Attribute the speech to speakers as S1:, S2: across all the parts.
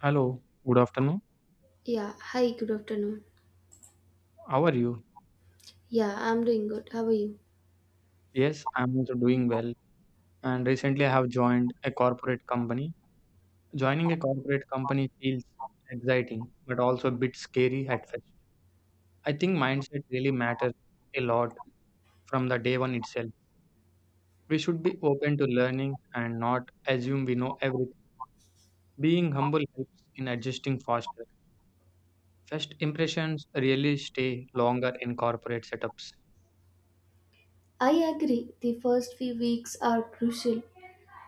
S1: Hello, good afternoon.
S2: Yeah, hi, good afternoon.
S1: How are you?
S2: Yeah, I'm doing good. How are you?
S1: Yes, I'm also doing well. And recently I have joined a corporate company. Joining a corporate company feels exciting, but also a bit scary at first. I think mindset really matters a lot from the day one itself. We should be open to learning and not assume we know everything. Being humble helps in adjusting faster. First impressions really stay longer in corporate setups.
S2: I agree, the first few weeks are crucial.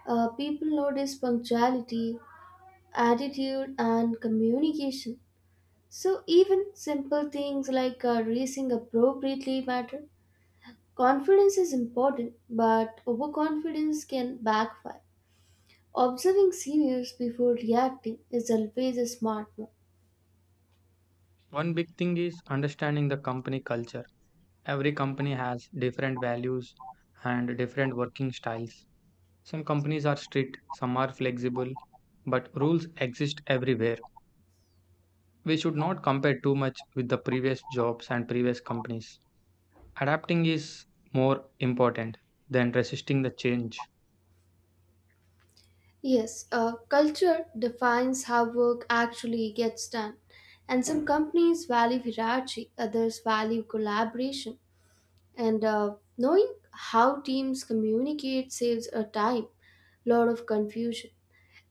S2: People notice punctuality, attitude, and communication. So, even simple things like dressing appropriately matter. Confidence is important, but overconfidence can backfire. Observing seniors before reacting is always a smart move.
S1: One big thing is understanding the company culture. Every company has different values and different working styles. Some companies are strict, some are flexible, but rules exist everywhere. We should not compare too much with the previous jobs and previous companies. Adapting is more important than resisting the change.
S2: Yes, culture defines how work actually gets done. And some companies value hierarchy, others value collaboration. And knowing how teams communicate saves a time, lot of confusion.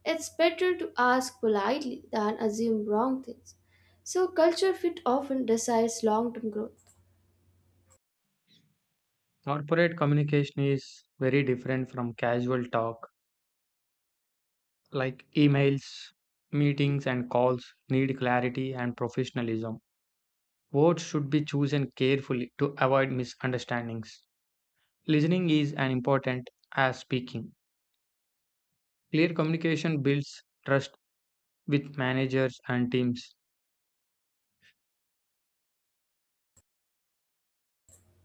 S2: It's better to ask politely than assume wrong things. So, culture fit often decides long term growth.
S1: Corporate communication is very different from casual talk, like emails, meetings, and calls need clarity and professionalism. Words should be chosen carefully to avoid misunderstandings. Listening is as important as speaking. Clear communication builds trust with managers and teams.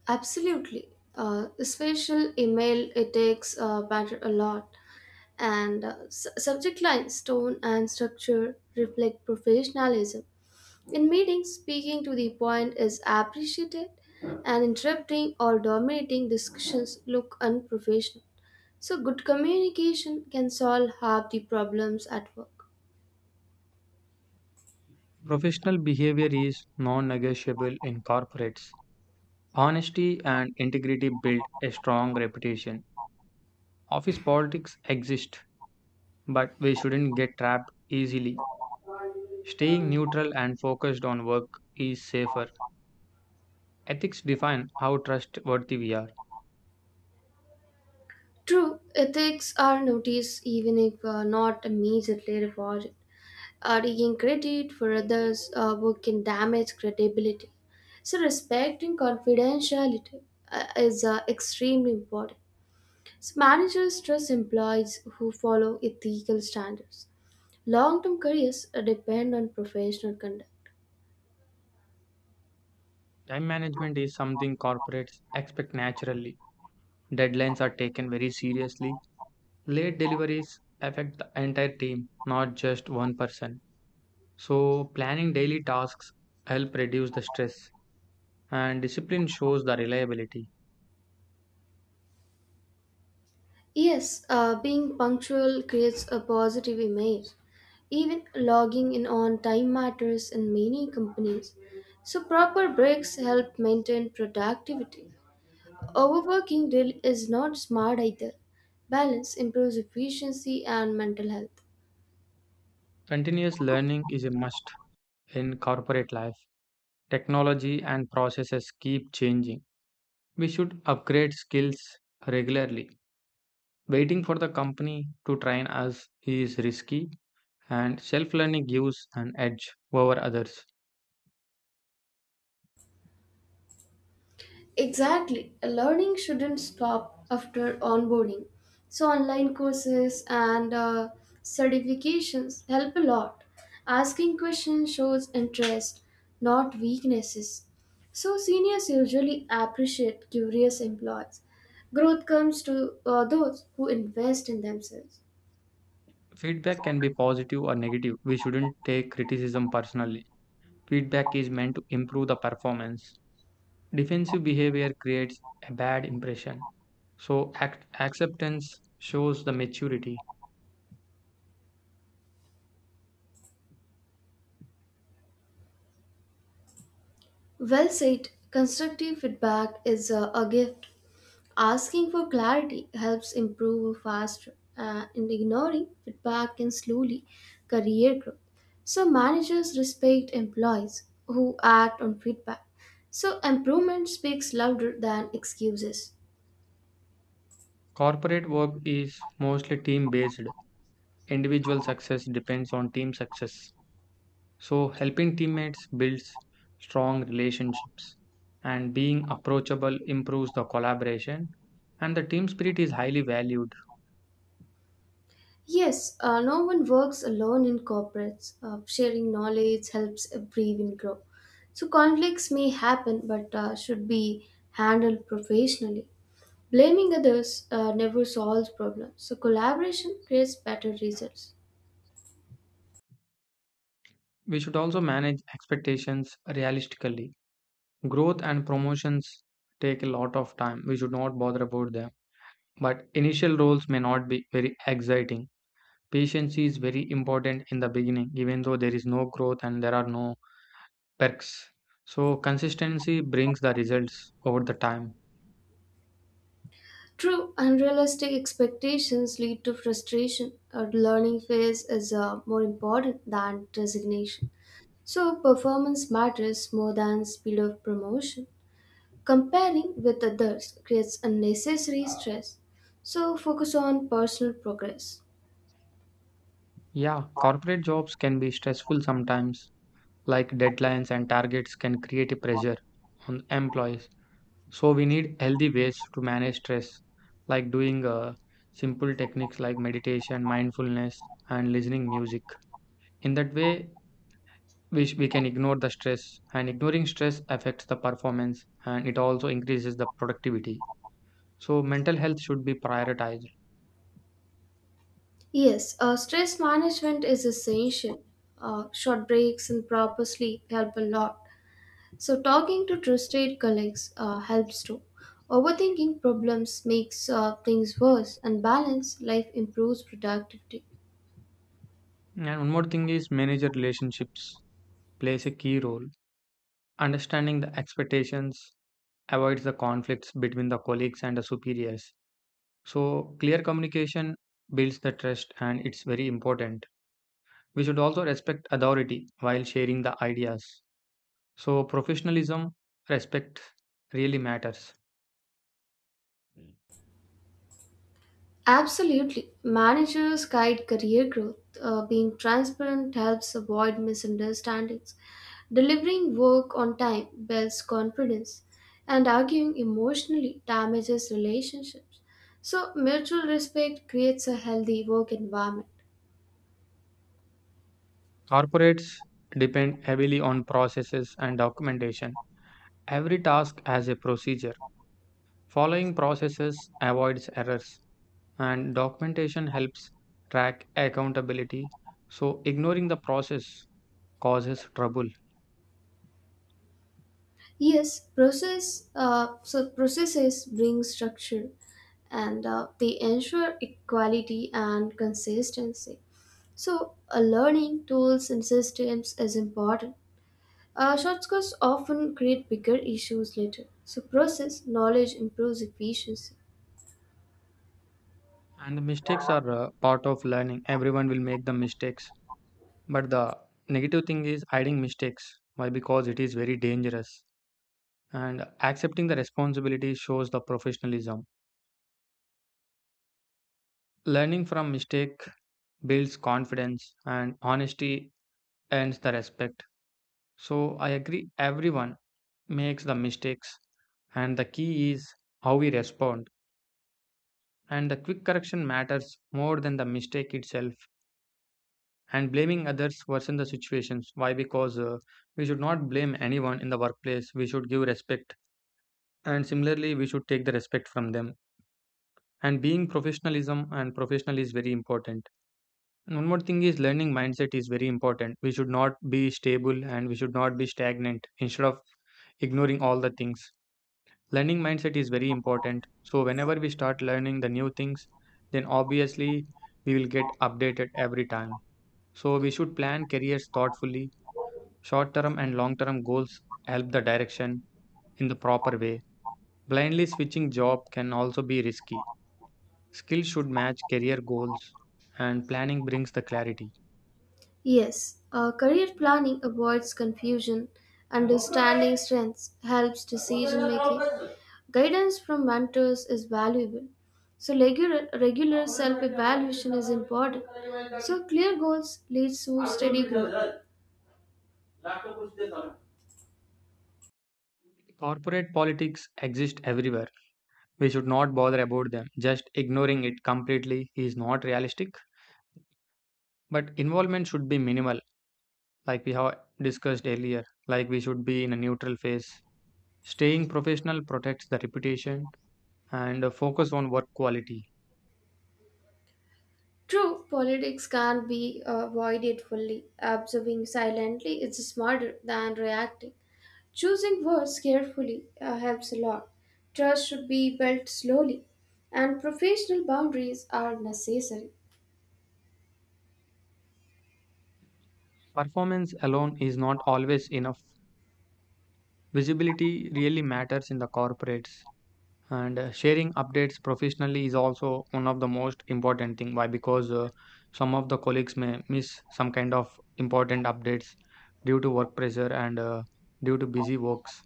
S2: Absolutely. Special email, it takes matter a lot. And subject lines, tone, and structure reflect professionalism. In meetings, speaking to the point is appreciated, and interrupting or dominating discussions look unprofessional. So, good communication can solve half the problems at work.
S1: Professional behavior is non negotiable in corporates. Honesty and integrity build a strong reputation. Office politics exist, but we shouldn't get trapped easily. Staying neutral and focused on work is safer. Ethics define how trustworthy we are.
S2: True, ethics are noticed even if not immediately rewarded. Arguing credit for others' work can damage credibility. So, respecting confidentiality is extremely important. So, managers trust employees who follow ethical standards. Long term careers depend on professional conduct.
S1: Time management is something corporates expect naturally. Deadlines are taken very seriously. Late deliveries affect the entire team, not just one person. So, planning daily tasks help reduce the stress and discipline shows the reliability.
S2: Yes, being punctual creates a positive image. Even logging in on time matters in many companies. So, proper breaks help maintain productivity. Overworking really is not smart either. Balance improves efficiency and mental health.
S1: Continuous learning is a must in corporate life. Technology and processes keep changing. We should upgrade skills regularly. Waiting for the company to train us is risky and self learning gives an edge over others.
S2: Exactly. Learning shouldn't stop after onboarding. So, online courses and certifications help a lot. Asking questions shows interest, not weaknesses. So, seniors usually appreciate curious employees. Growth comes to those who invest in themselves.
S1: Feedback can be positive or negative. We shouldn't take criticism personally. Feedback is meant to improve the performance. Defensive behavior creates a bad impression. So, acceptance shows the maturity.
S2: Well said. Constructive feedback is a gift. Asking for clarity helps improve faster, and ignoring feedback can slowly career growth. So, managers respect employees who act on feedback. So, improvement speaks louder than excuses.
S1: Corporate work is mostly team based. Individual success depends on team success. So, helping teammates builds strong relationships, and being approachable improves the collaboration, and the team spirit is highly valued.
S2: Yes, no one works alone in corporates. Sharing knowledge helps everyone grow. So conflicts may happen, but should be handled professionally. Blaming others never solves problems. So collaboration creates better results.
S1: We should also manage expectations realistically. Growth and promotions take a lot of time. We should not bother about them. But initial roles may not be very exciting. Patience is very important in the beginning, even though there is no growth and there are no perks. So, consistency brings the results over the time.
S2: True, unrealistic expectations lead to frustration. Our learning phase is more important than resignation. So performance matters more than speed of promotion. Comparing with others creates unnecessary stress. So focus on personal progress.
S1: Yeah, corporate jobs can be stressful sometimes, like deadlines and targets can create a pressure on employees. So we need healthy ways to manage stress, like doing simple techniques like meditation, mindfulness, and listening music. In that way, we can ignore the stress, and ignoring stress affects the performance and it also increases the productivity. So mental health should be prioritized.
S2: Yes, stress management is essential. Short breaks and proper sleep help a lot. So talking to trusted colleagues helps too. Overthinking problems makes things worse, and balanced life improves productivity.
S1: And one more thing is manager relationships plays a key role. Understanding the expectations avoids the conflicts between the colleagues and the superiors. So, clear communication builds the trust and it's very important. We should also respect authority while sharing the ideas. So, professionalism, respect really matters.
S2: Absolutely. Managers guide career growth. Being transparent helps avoid misunderstandings. Delivering work on time builds confidence, and arguing emotionally damages relationships. So, mutual respect creates a healthy work environment.
S1: Corporates depend heavily on processes and documentation. Every task has a procedure. Following processes avoids errors and documentation helps track accountability. So, ignoring the process causes trouble,
S2: Yes, process. So processes bring structure, and they ensure equality and consistency. So, learning tools and systems is important. Shortcuts often create bigger issues later, so process knowledge improves efficiency.
S1: and the mistakes are part of learning. Everyone will make the mistakes, but the negative thing is hiding mistakes. Why? Because it is very dangerous, and accepting the responsibility shows the professionalism. Learning from mistake builds confidence, and honesty earns the respect. So, I agree, everyone makes the mistakes, and the key is how we respond. And the quick correction matters more than the mistake itself. And blaming others worsen the situations. Why? Because we should not blame anyone in the workplace. We should give respect. And similarly, we should take the respect from them. And being professionalism and professional is very important. And one more thing is learning mindset is very important. We should not be stable and we should not be stagnant instead of ignoring all the things. Learning mindset is very important, so whenever we start learning the new things, then obviously we will get updated every time. So we should plan careers thoughtfully. Short term and long term goals help the direction in the proper way. Blindly switching job can also be risky. Skills should match career goals, and planning brings the clarity.
S2: Yes, career planning avoids confusion, understanding strengths helps decision making, guidance from mentors is valuable. So regular self evaluation is important. So clear goals leads to steady growth.
S1: Corporate politics exist everywhere. We should not bother about them. Just ignoring it completely is not realistic, but involvement should be minimal. Like we have discussed earlier, like we should be in a neutral phase. Staying professional protects the reputation and a focus on work quality.
S2: True, politics can't be avoided fully. Observing silently is smarter than reacting. Choosing words carefully helps a lot. Trust should be built slowly, and professional boundaries are necessary.
S1: Performance alone is not always enough. Visibility really matters in the corporates, and sharing updates professionally is also one of the most important thing. Why? Because some of the colleagues may miss some kind of important updates due to work pressure and due to busy works.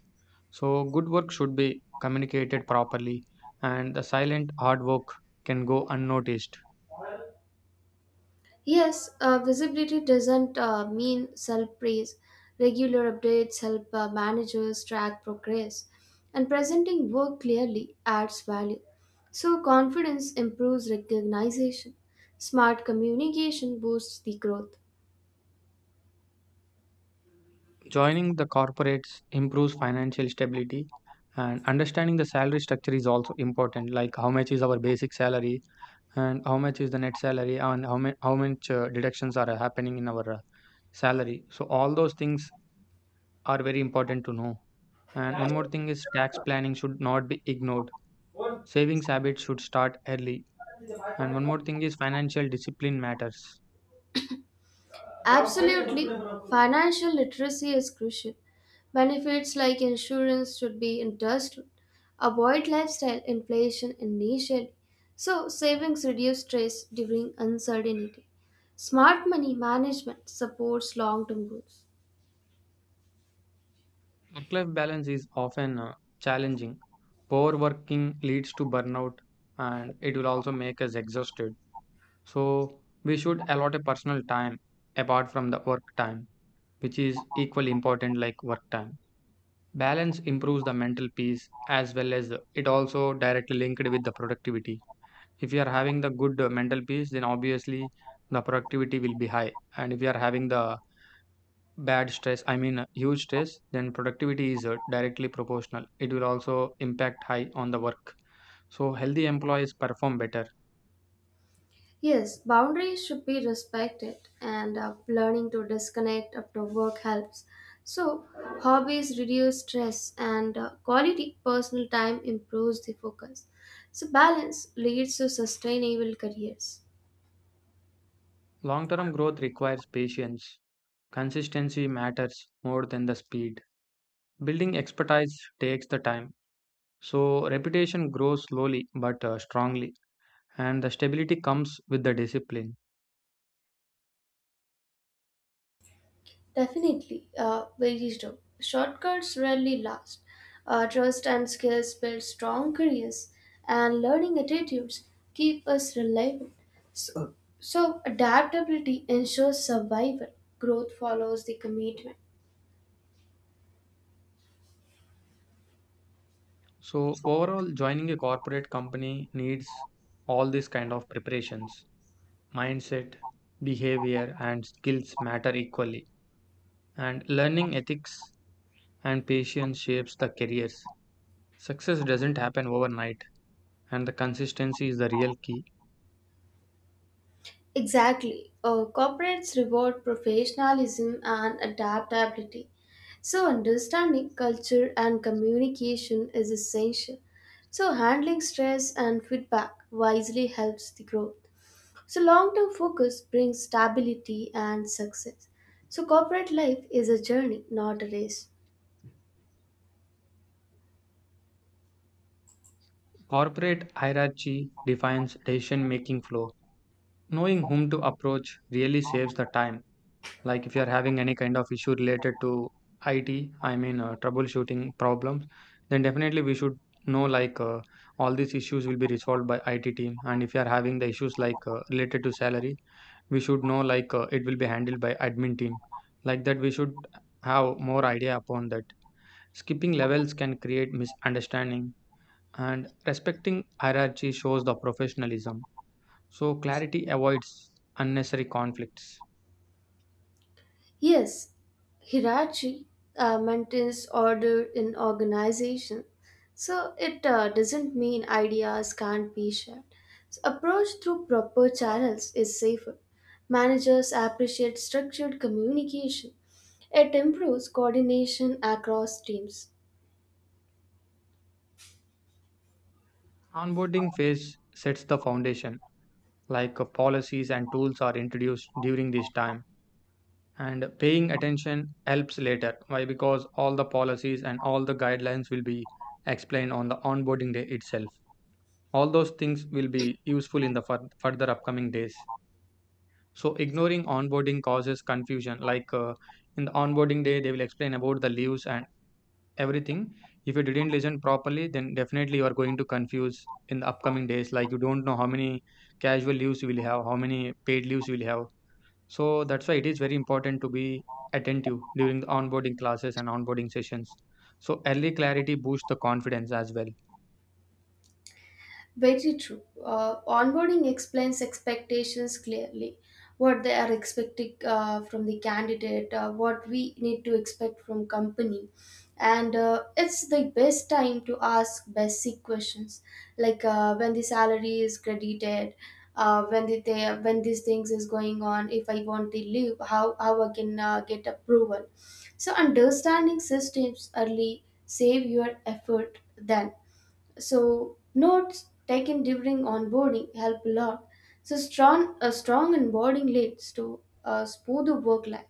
S1: So good work should be communicated properly, and the silent hard work can go unnoticed.
S2: Yes, visibility doesn't mean self praise. Regular updates help managers track progress, and presenting work clearly adds value. So, confidence improves recognition. Smart communication boosts the growth.
S1: Joining the corporates improves financial stability, and understanding the salary structure is also important, like how much is our basic salary and how much is the net salary and how much deductions are happening in our salary. So all those things are very important to know. And one more thing is tax planning should not be ignored. Savings habits should start early, and one more thing is financial discipline matters.
S2: Absolutely, financial literacy is crucial. Benefits like insurance should be understood. Avoid lifestyle inflation initially, so savings reduce stress during uncertainty. Smart money management supports long term goals.
S1: Work life balance is often challenging. Overworking leads to burnout and it will also make us exhausted. So we should allot a personal time apart from the work time, which is equally important like work time. Balance improves the mental peace as well as it also directly linked with the productivity. If you are having the good mental peace, then obviously the productivity will be high. And if you are having the bad stress, I mean huge stress, then productivity is directly proportional. It will also impact high on the work. So healthy employees perform better.
S2: Yes, boundaries should be respected, and learning to disconnect after work helps. So, hobbies reduce stress, and quality personal time improves the focus. So, balance leads to sustainable careers.
S1: Long-term growth requires patience. Consistency matters more than the speed. Building expertise takes the time. So reputation grows slowly but strongly and the stability comes with the discipline.
S2: Definitely, very true. Shortcuts rarely last. Trust and skills build strong careers, and learning attitudes keep us reliable. So, adaptability ensures survival. Growth follows the commitment.
S1: So overall, joining a corporate company needs all these kind of preparations. Mindset, behavior, and skills matter equally. And learning ethics and patience shapes the careers. Success doesn't happen overnight, and the consistency is the real key.
S2: Exactly. Corporates reward professionalism and adaptability. So, understanding culture and communication is essential. So, handling stress and feedback wisely helps the growth. So, long term focus brings stability and success. So, corporate life is a journey, not a race.
S1: Corporate hierarchy defines decision making flow. Knowing whom to approach really saves the time. Like if you are having any kind of issue related to IT, I mean troubleshooting problems, then definitely we should know like all these issues will be resolved by IT team. And if you are having the issues like related to salary, we should know like it will be handled by admin team. Like that, we should have more idea upon that. Skipping levels can create misunderstanding, and respecting hierarchy shows the professionalism. So clarity avoids unnecessary conflicts.
S2: Yes, hierarchy maintains order in organization, so it doesn't mean ideas can't be shared. So approach through proper channels is safer. Managers appreciate structured communication. It improves coordination across teams.
S1: Onboarding phase sets the foundation, like policies and tools are introduced during this time. And paying attention helps later. Why? Because all the policies and all the guidelines will be explained on the onboarding day itself. All those things will be useful in the further upcoming days. So, ignoring onboarding causes confusion. Like in the onboarding day, they will explain about the leaves and everything. If you didn't listen properly, then definitely you are going to confuse in the upcoming days. Like you don't know how many casual leaves you will have, how many paid leaves you will have. So that's why it is very important to be attentive during the onboarding classes and onboarding sessions. So early clarity boosts the confidence as well.
S2: Very true. Onboarding explains expectations clearly. What they are expecting from the candidate, what we need to expect from company, and it's the best time to ask basic questions like when the salary is credited, when these things is going on. If I want the leave, how I can get approval. So understanding systems early save your effort then so notes taken during onboarding help a lot. So strong a strong onboarding leads to a smoother work life.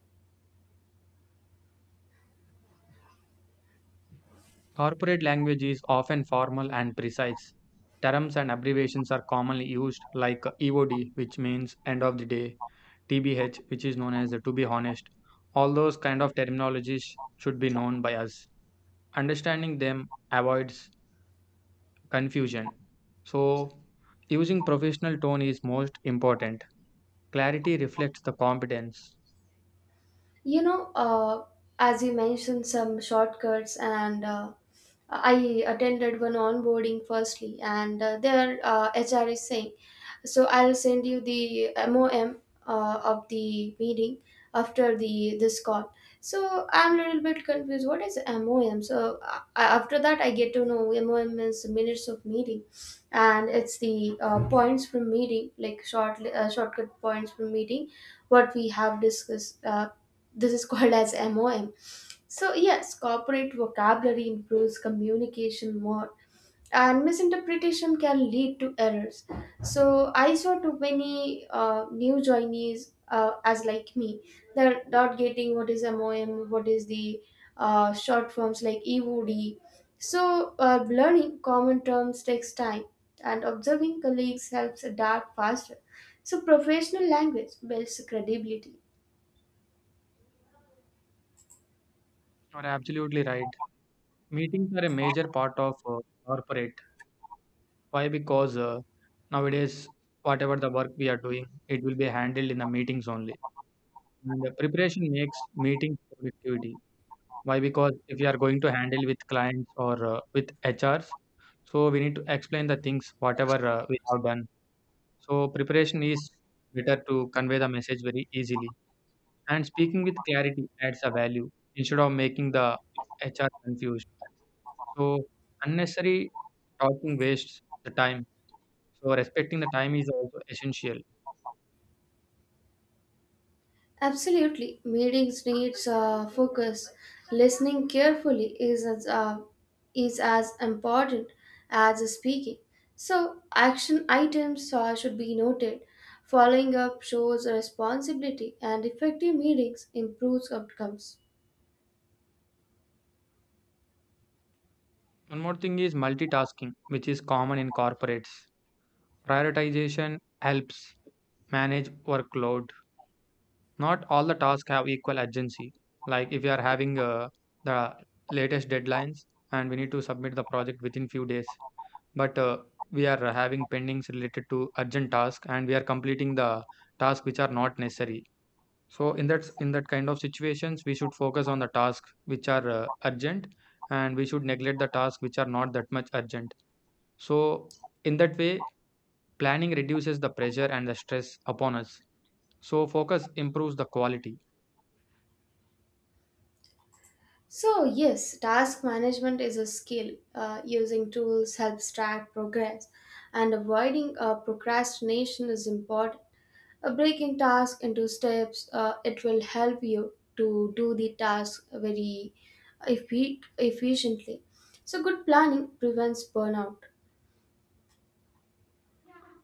S1: Corporate language is often formal and precise. Terms and abbreviations are commonly used, like EOD, which means end of the day, TBH, which is known as the to be honest. All those kind of terminologies should be known by us. Understanding them avoids confusion. So, using professional tone is most important. Clarity reflects the competence.
S2: You know, uh, as you mentioned, some shortcuts and I attended one onboarding firstly, and their HR is saying, so I'll send you the MOM of the meeting after the this call. So I'm a little bit confused. What is MOM? So after that, I get to know MOM is minutes of meeting, and it's the points from meeting, like shortcut points from meeting, what we have discussed. This is called as MOM. So yes, corporate vocabulary improves communication more, and misinterpretation can lead to errors. So I saw too many new joinees as like me, they're not getting what is MOM, what is the short forms like EOD. So learning common terms takes time, and observing colleagues helps adapt faster. So professional language builds credibility.
S1: You're absolutely right. Meetings are a major part of corporate. Why? Because nowadays, whatever the work we are doing, it will be handled in the meetings only. And the preparation makes meeting productivity. Why? Because if you are going to handle with clients or with HRs, so we need to explain the things whatever we have done. So preparation is better to convey the message very easily. And speaking with clarity adds a value instead of making the HR confused. So unnecessary talking wastes the time. So respecting the time is also essential.
S2: Absolutely. Meetings needs focus. Listening carefully is is as important as speaking. So, action items should be noted. Following up shows responsibility, and effective meetings improves outcomes.
S1: One more thing is multitasking, which is common in corporates. Prioritization helps manage workload. Not all the tasks have equal urgency. Like if you are having the latest deadlines and we need to submit the project within few days, but we are having pendings related to urgent task and we are completing the tasks which are not necessary. So in that kind of situations, we should focus on the tasks which are urgent, and we should neglect the tasks which are not that much urgent. So in that way, planning reduces the pressure and the stress upon us. So focus improves the quality.
S2: So, yes, task management is a skill. Using tools helps track progress, and avoiding procrastination is important. Breaking task into steps, it will help you to do the task very efficiently. So, good planning prevents burnout.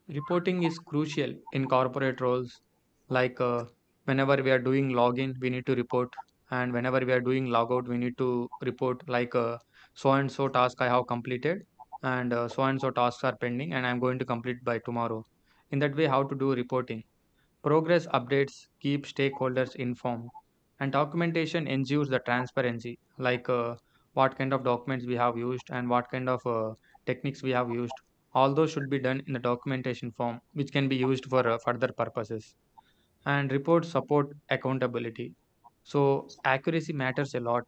S1: Reporting is crucial in corporate roles. Like whenever we are doing login, we need to report, and whenever we are doing logout, we need to report. Like so and so task I have completed, and so and so tasks are pending, and I'm going to complete by tomorrow. In that way, how to do reporting? Progress updates keep stakeholders informed, and documentation ensures the transparency, like what kind of documents we have used and what kind of techniques we have used. All those should be done in the documentation form, which can be used for further purposes. And reports support accountability. So, accuracy matters a lot.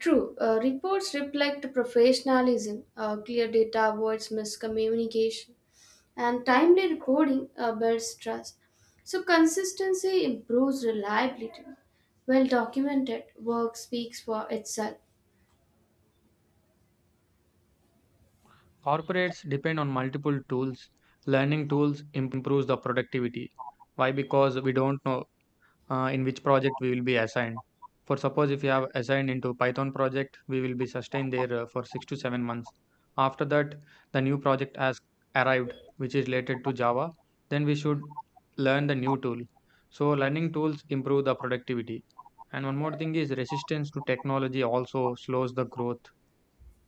S2: True, reports reflect professionalism, clear data avoids miscommunication, and timely reporting builds trust. So, consistency improves reliability. Well documented work speaks for itself.
S1: Corporates depend on multiple tools. Learning tools improves the productivity. Why? Because we don't know in which project we will be assigned. For suppose if you have assigned into Python project, we will be sustained there for 6 to 7 months. After that, the new project has arrived, which is related to Java. Then we should learn the new tool. So learning tools improve the productivity. And one more thing is resistance to technology also slows the growth.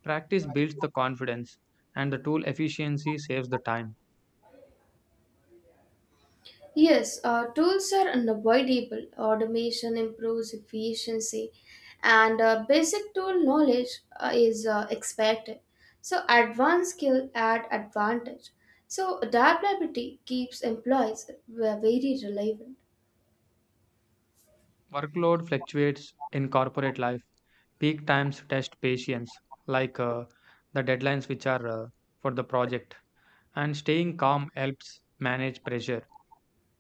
S1: Practice builds the confidence, and the tool efficiency saves the time.
S2: Yes, tools are unavoidable. Automation improves efficiency, and basic tool knowledge is expected. So, advanced skill add advantage. So, adaptability keeps employees very relevant.
S1: Workload fluctuates in corporate life. Peak times test patience, like the deadlines which are for the project. And staying calm helps manage pressure.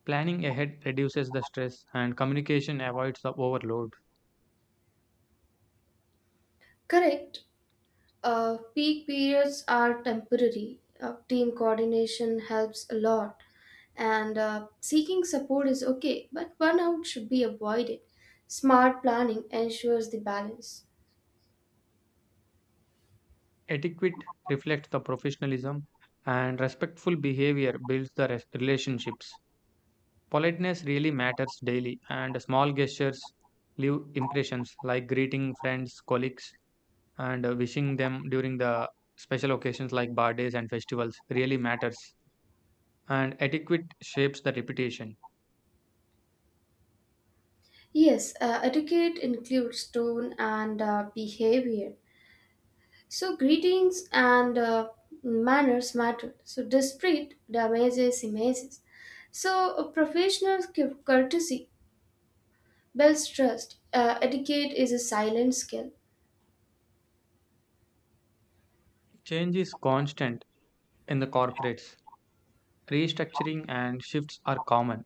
S1: Planning ahead reduces the stress, and communication avoids the overload.
S2: Correct. Peak periods are temporary. Team coordination helps a lot, and seeking support is okay, but burnout should be avoided. Smart planning ensures the balance.
S1: Etiquette reflects the professionalism, and respectful behavior builds the relationships. Politeness really matters daily, and small gestures leave impressions like greeting friends, colleagues, and wishing them during the special occasions like birthdays and festivals really matters. And etiquette shapes the reputation.
S2: Yes, etiquette includes tone and behavior. So, greetings and manners matter. So, discreet damages images. So, a professional courtesy builds trust. Etiquette is a silent skill.
S1: Change is constant in the corporates. Restructuring and shifts are common.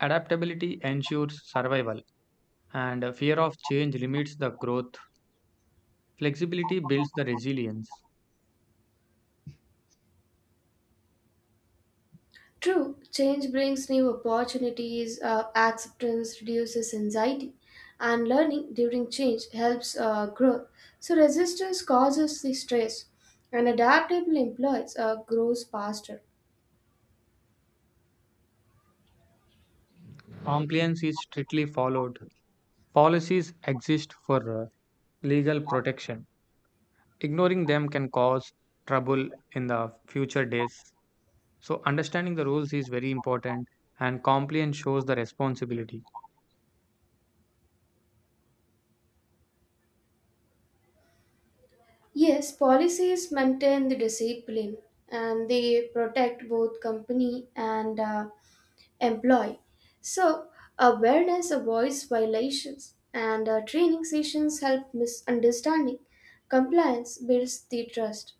S1: Adaptability ensures survival, and fear of change limits the growth. Flexibility builds the resilience.
S2: True, change brings new opportunities, acceptance reduces anxiety, and learning during change helps growth. So, resistance causes the stress, and adaptable employees grows faster.
S1: Compliance is strictly followed. Policies exist for legal protection. Ignoring them can cause trouble in the future days. So, understanding the rules is very important, and compliance shows the responsibility.
S2: Yes, policies maintain the discipline and they protect both company and employee. So, awareness avoids violations, and training sessions help misunderstanding. Compliance builds the trust.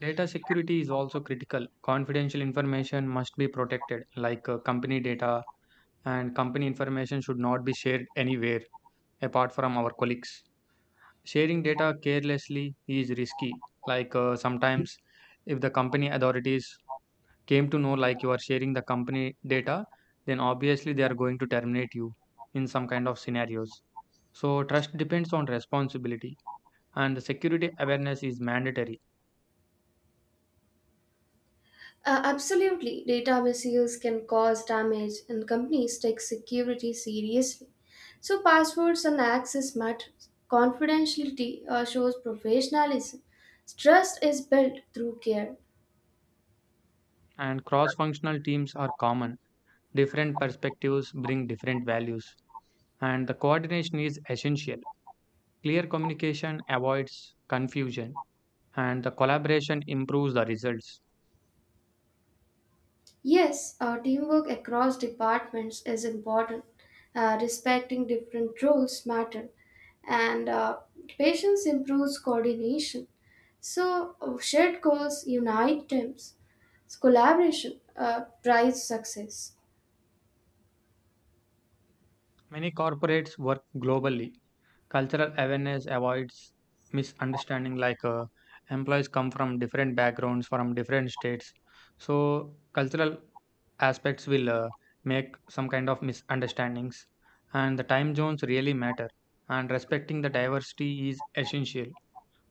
S1: Data security is also critical. Confidential information must be protected, like company data, and company information should not be shared anywhere apart from our colleagues. Sharing data carelessly is risky, like sometimes if the company authorities came to know like you are sharing the company data, then obviously they are going to terminate you in some kind of scenarios. So, trust depends on responsibility and security awareness is mandatory,
S2: Absolutely, data misuse can cause damage, and companies take security seriously. So, passwords and access matters. Confidentiality shows professionalism. Trust is built through care.
S1: and cross functional teams are common. Different perspectives bring different values, and the coordination is essential. Clear communication avoids confusion, and the collaboration improves the results.
S2: Yes, our teamwork across departments is important. Respecting different roles matter, and patience improves coordination. So shared goals unite teams. So collaboration drives success.
S1: Many corporates work globally. Cultural awareness avoids misunderstanding, like employees come from different backgrounds, from different states. So, cultural aspects will make some kind of misunderstandings, and the time zones really matter. And respecting the diversity is essential.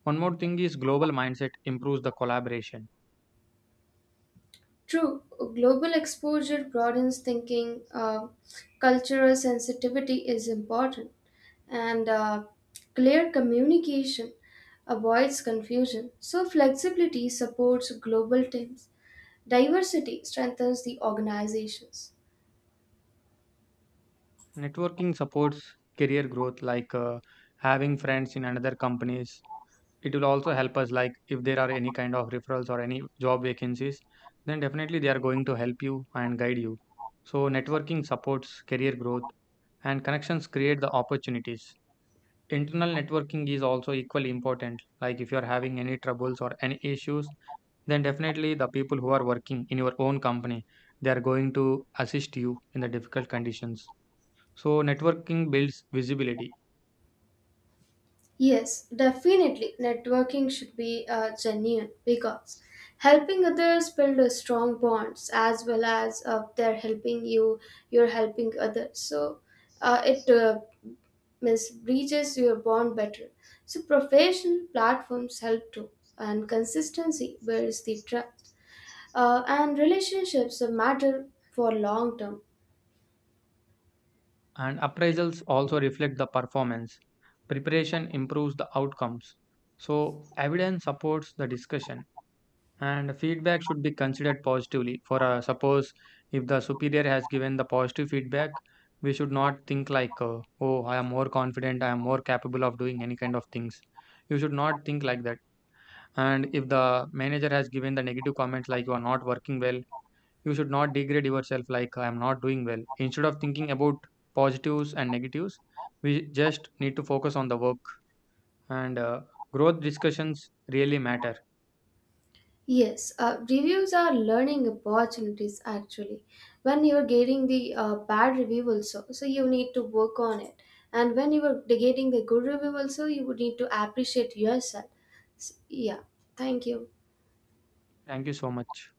S1: One more thing is global mindset improves the collaboration.
S2: True, global exposure broadens thinking. Cultural sensitivity is important, and clear communication avoids confusion. So, flexibility supports global teams, diversity strengthens the organizations.
S1: Networking supports career growth, like having friends in another companies. It will also help us, like if there are any kind of referrals or any job vacancies, then definitely they are going to help you and guide you. So, networking supports career growth and connections create the opportunities. Internal networking is also equally important. Like if you are having any troubles or any issues, then definitely the people who are working in your own company, they are going to assist you in the difficult conditions. So, networking builds visibility,
S2: Yes, definitely. Networking should be genuine because helping others build a strong bonds as well as they're helping you, you're helping others. So it means breaches your bond better. So professional platforms help too, and consistency builds the trust. And relationships matter for long term.
S1: and appraisals also reflect the performance. Preparation improves the outcomes. So, evidence supports the discussion, and feedback should be considered positively. For suppose if the superior has given the positive feedback, we should not think like, oh, I am more confident, I am more capable of doing any kind of things. You should not think like that. And if the manager has given the negative comment, like you are not working well, you should not degrade yourself like I am not doing well. Instead of thinking about positives and negatives, we just need to focus on the work, and growth discussions really matter.
S2: Yes, reviews are learning opportunities actually. When you are getting the bad review also, so you need to work on it. And when you are getting the good review also, you would need to appreciate yourself. Yeah, thank you.
S1: Thank you so much.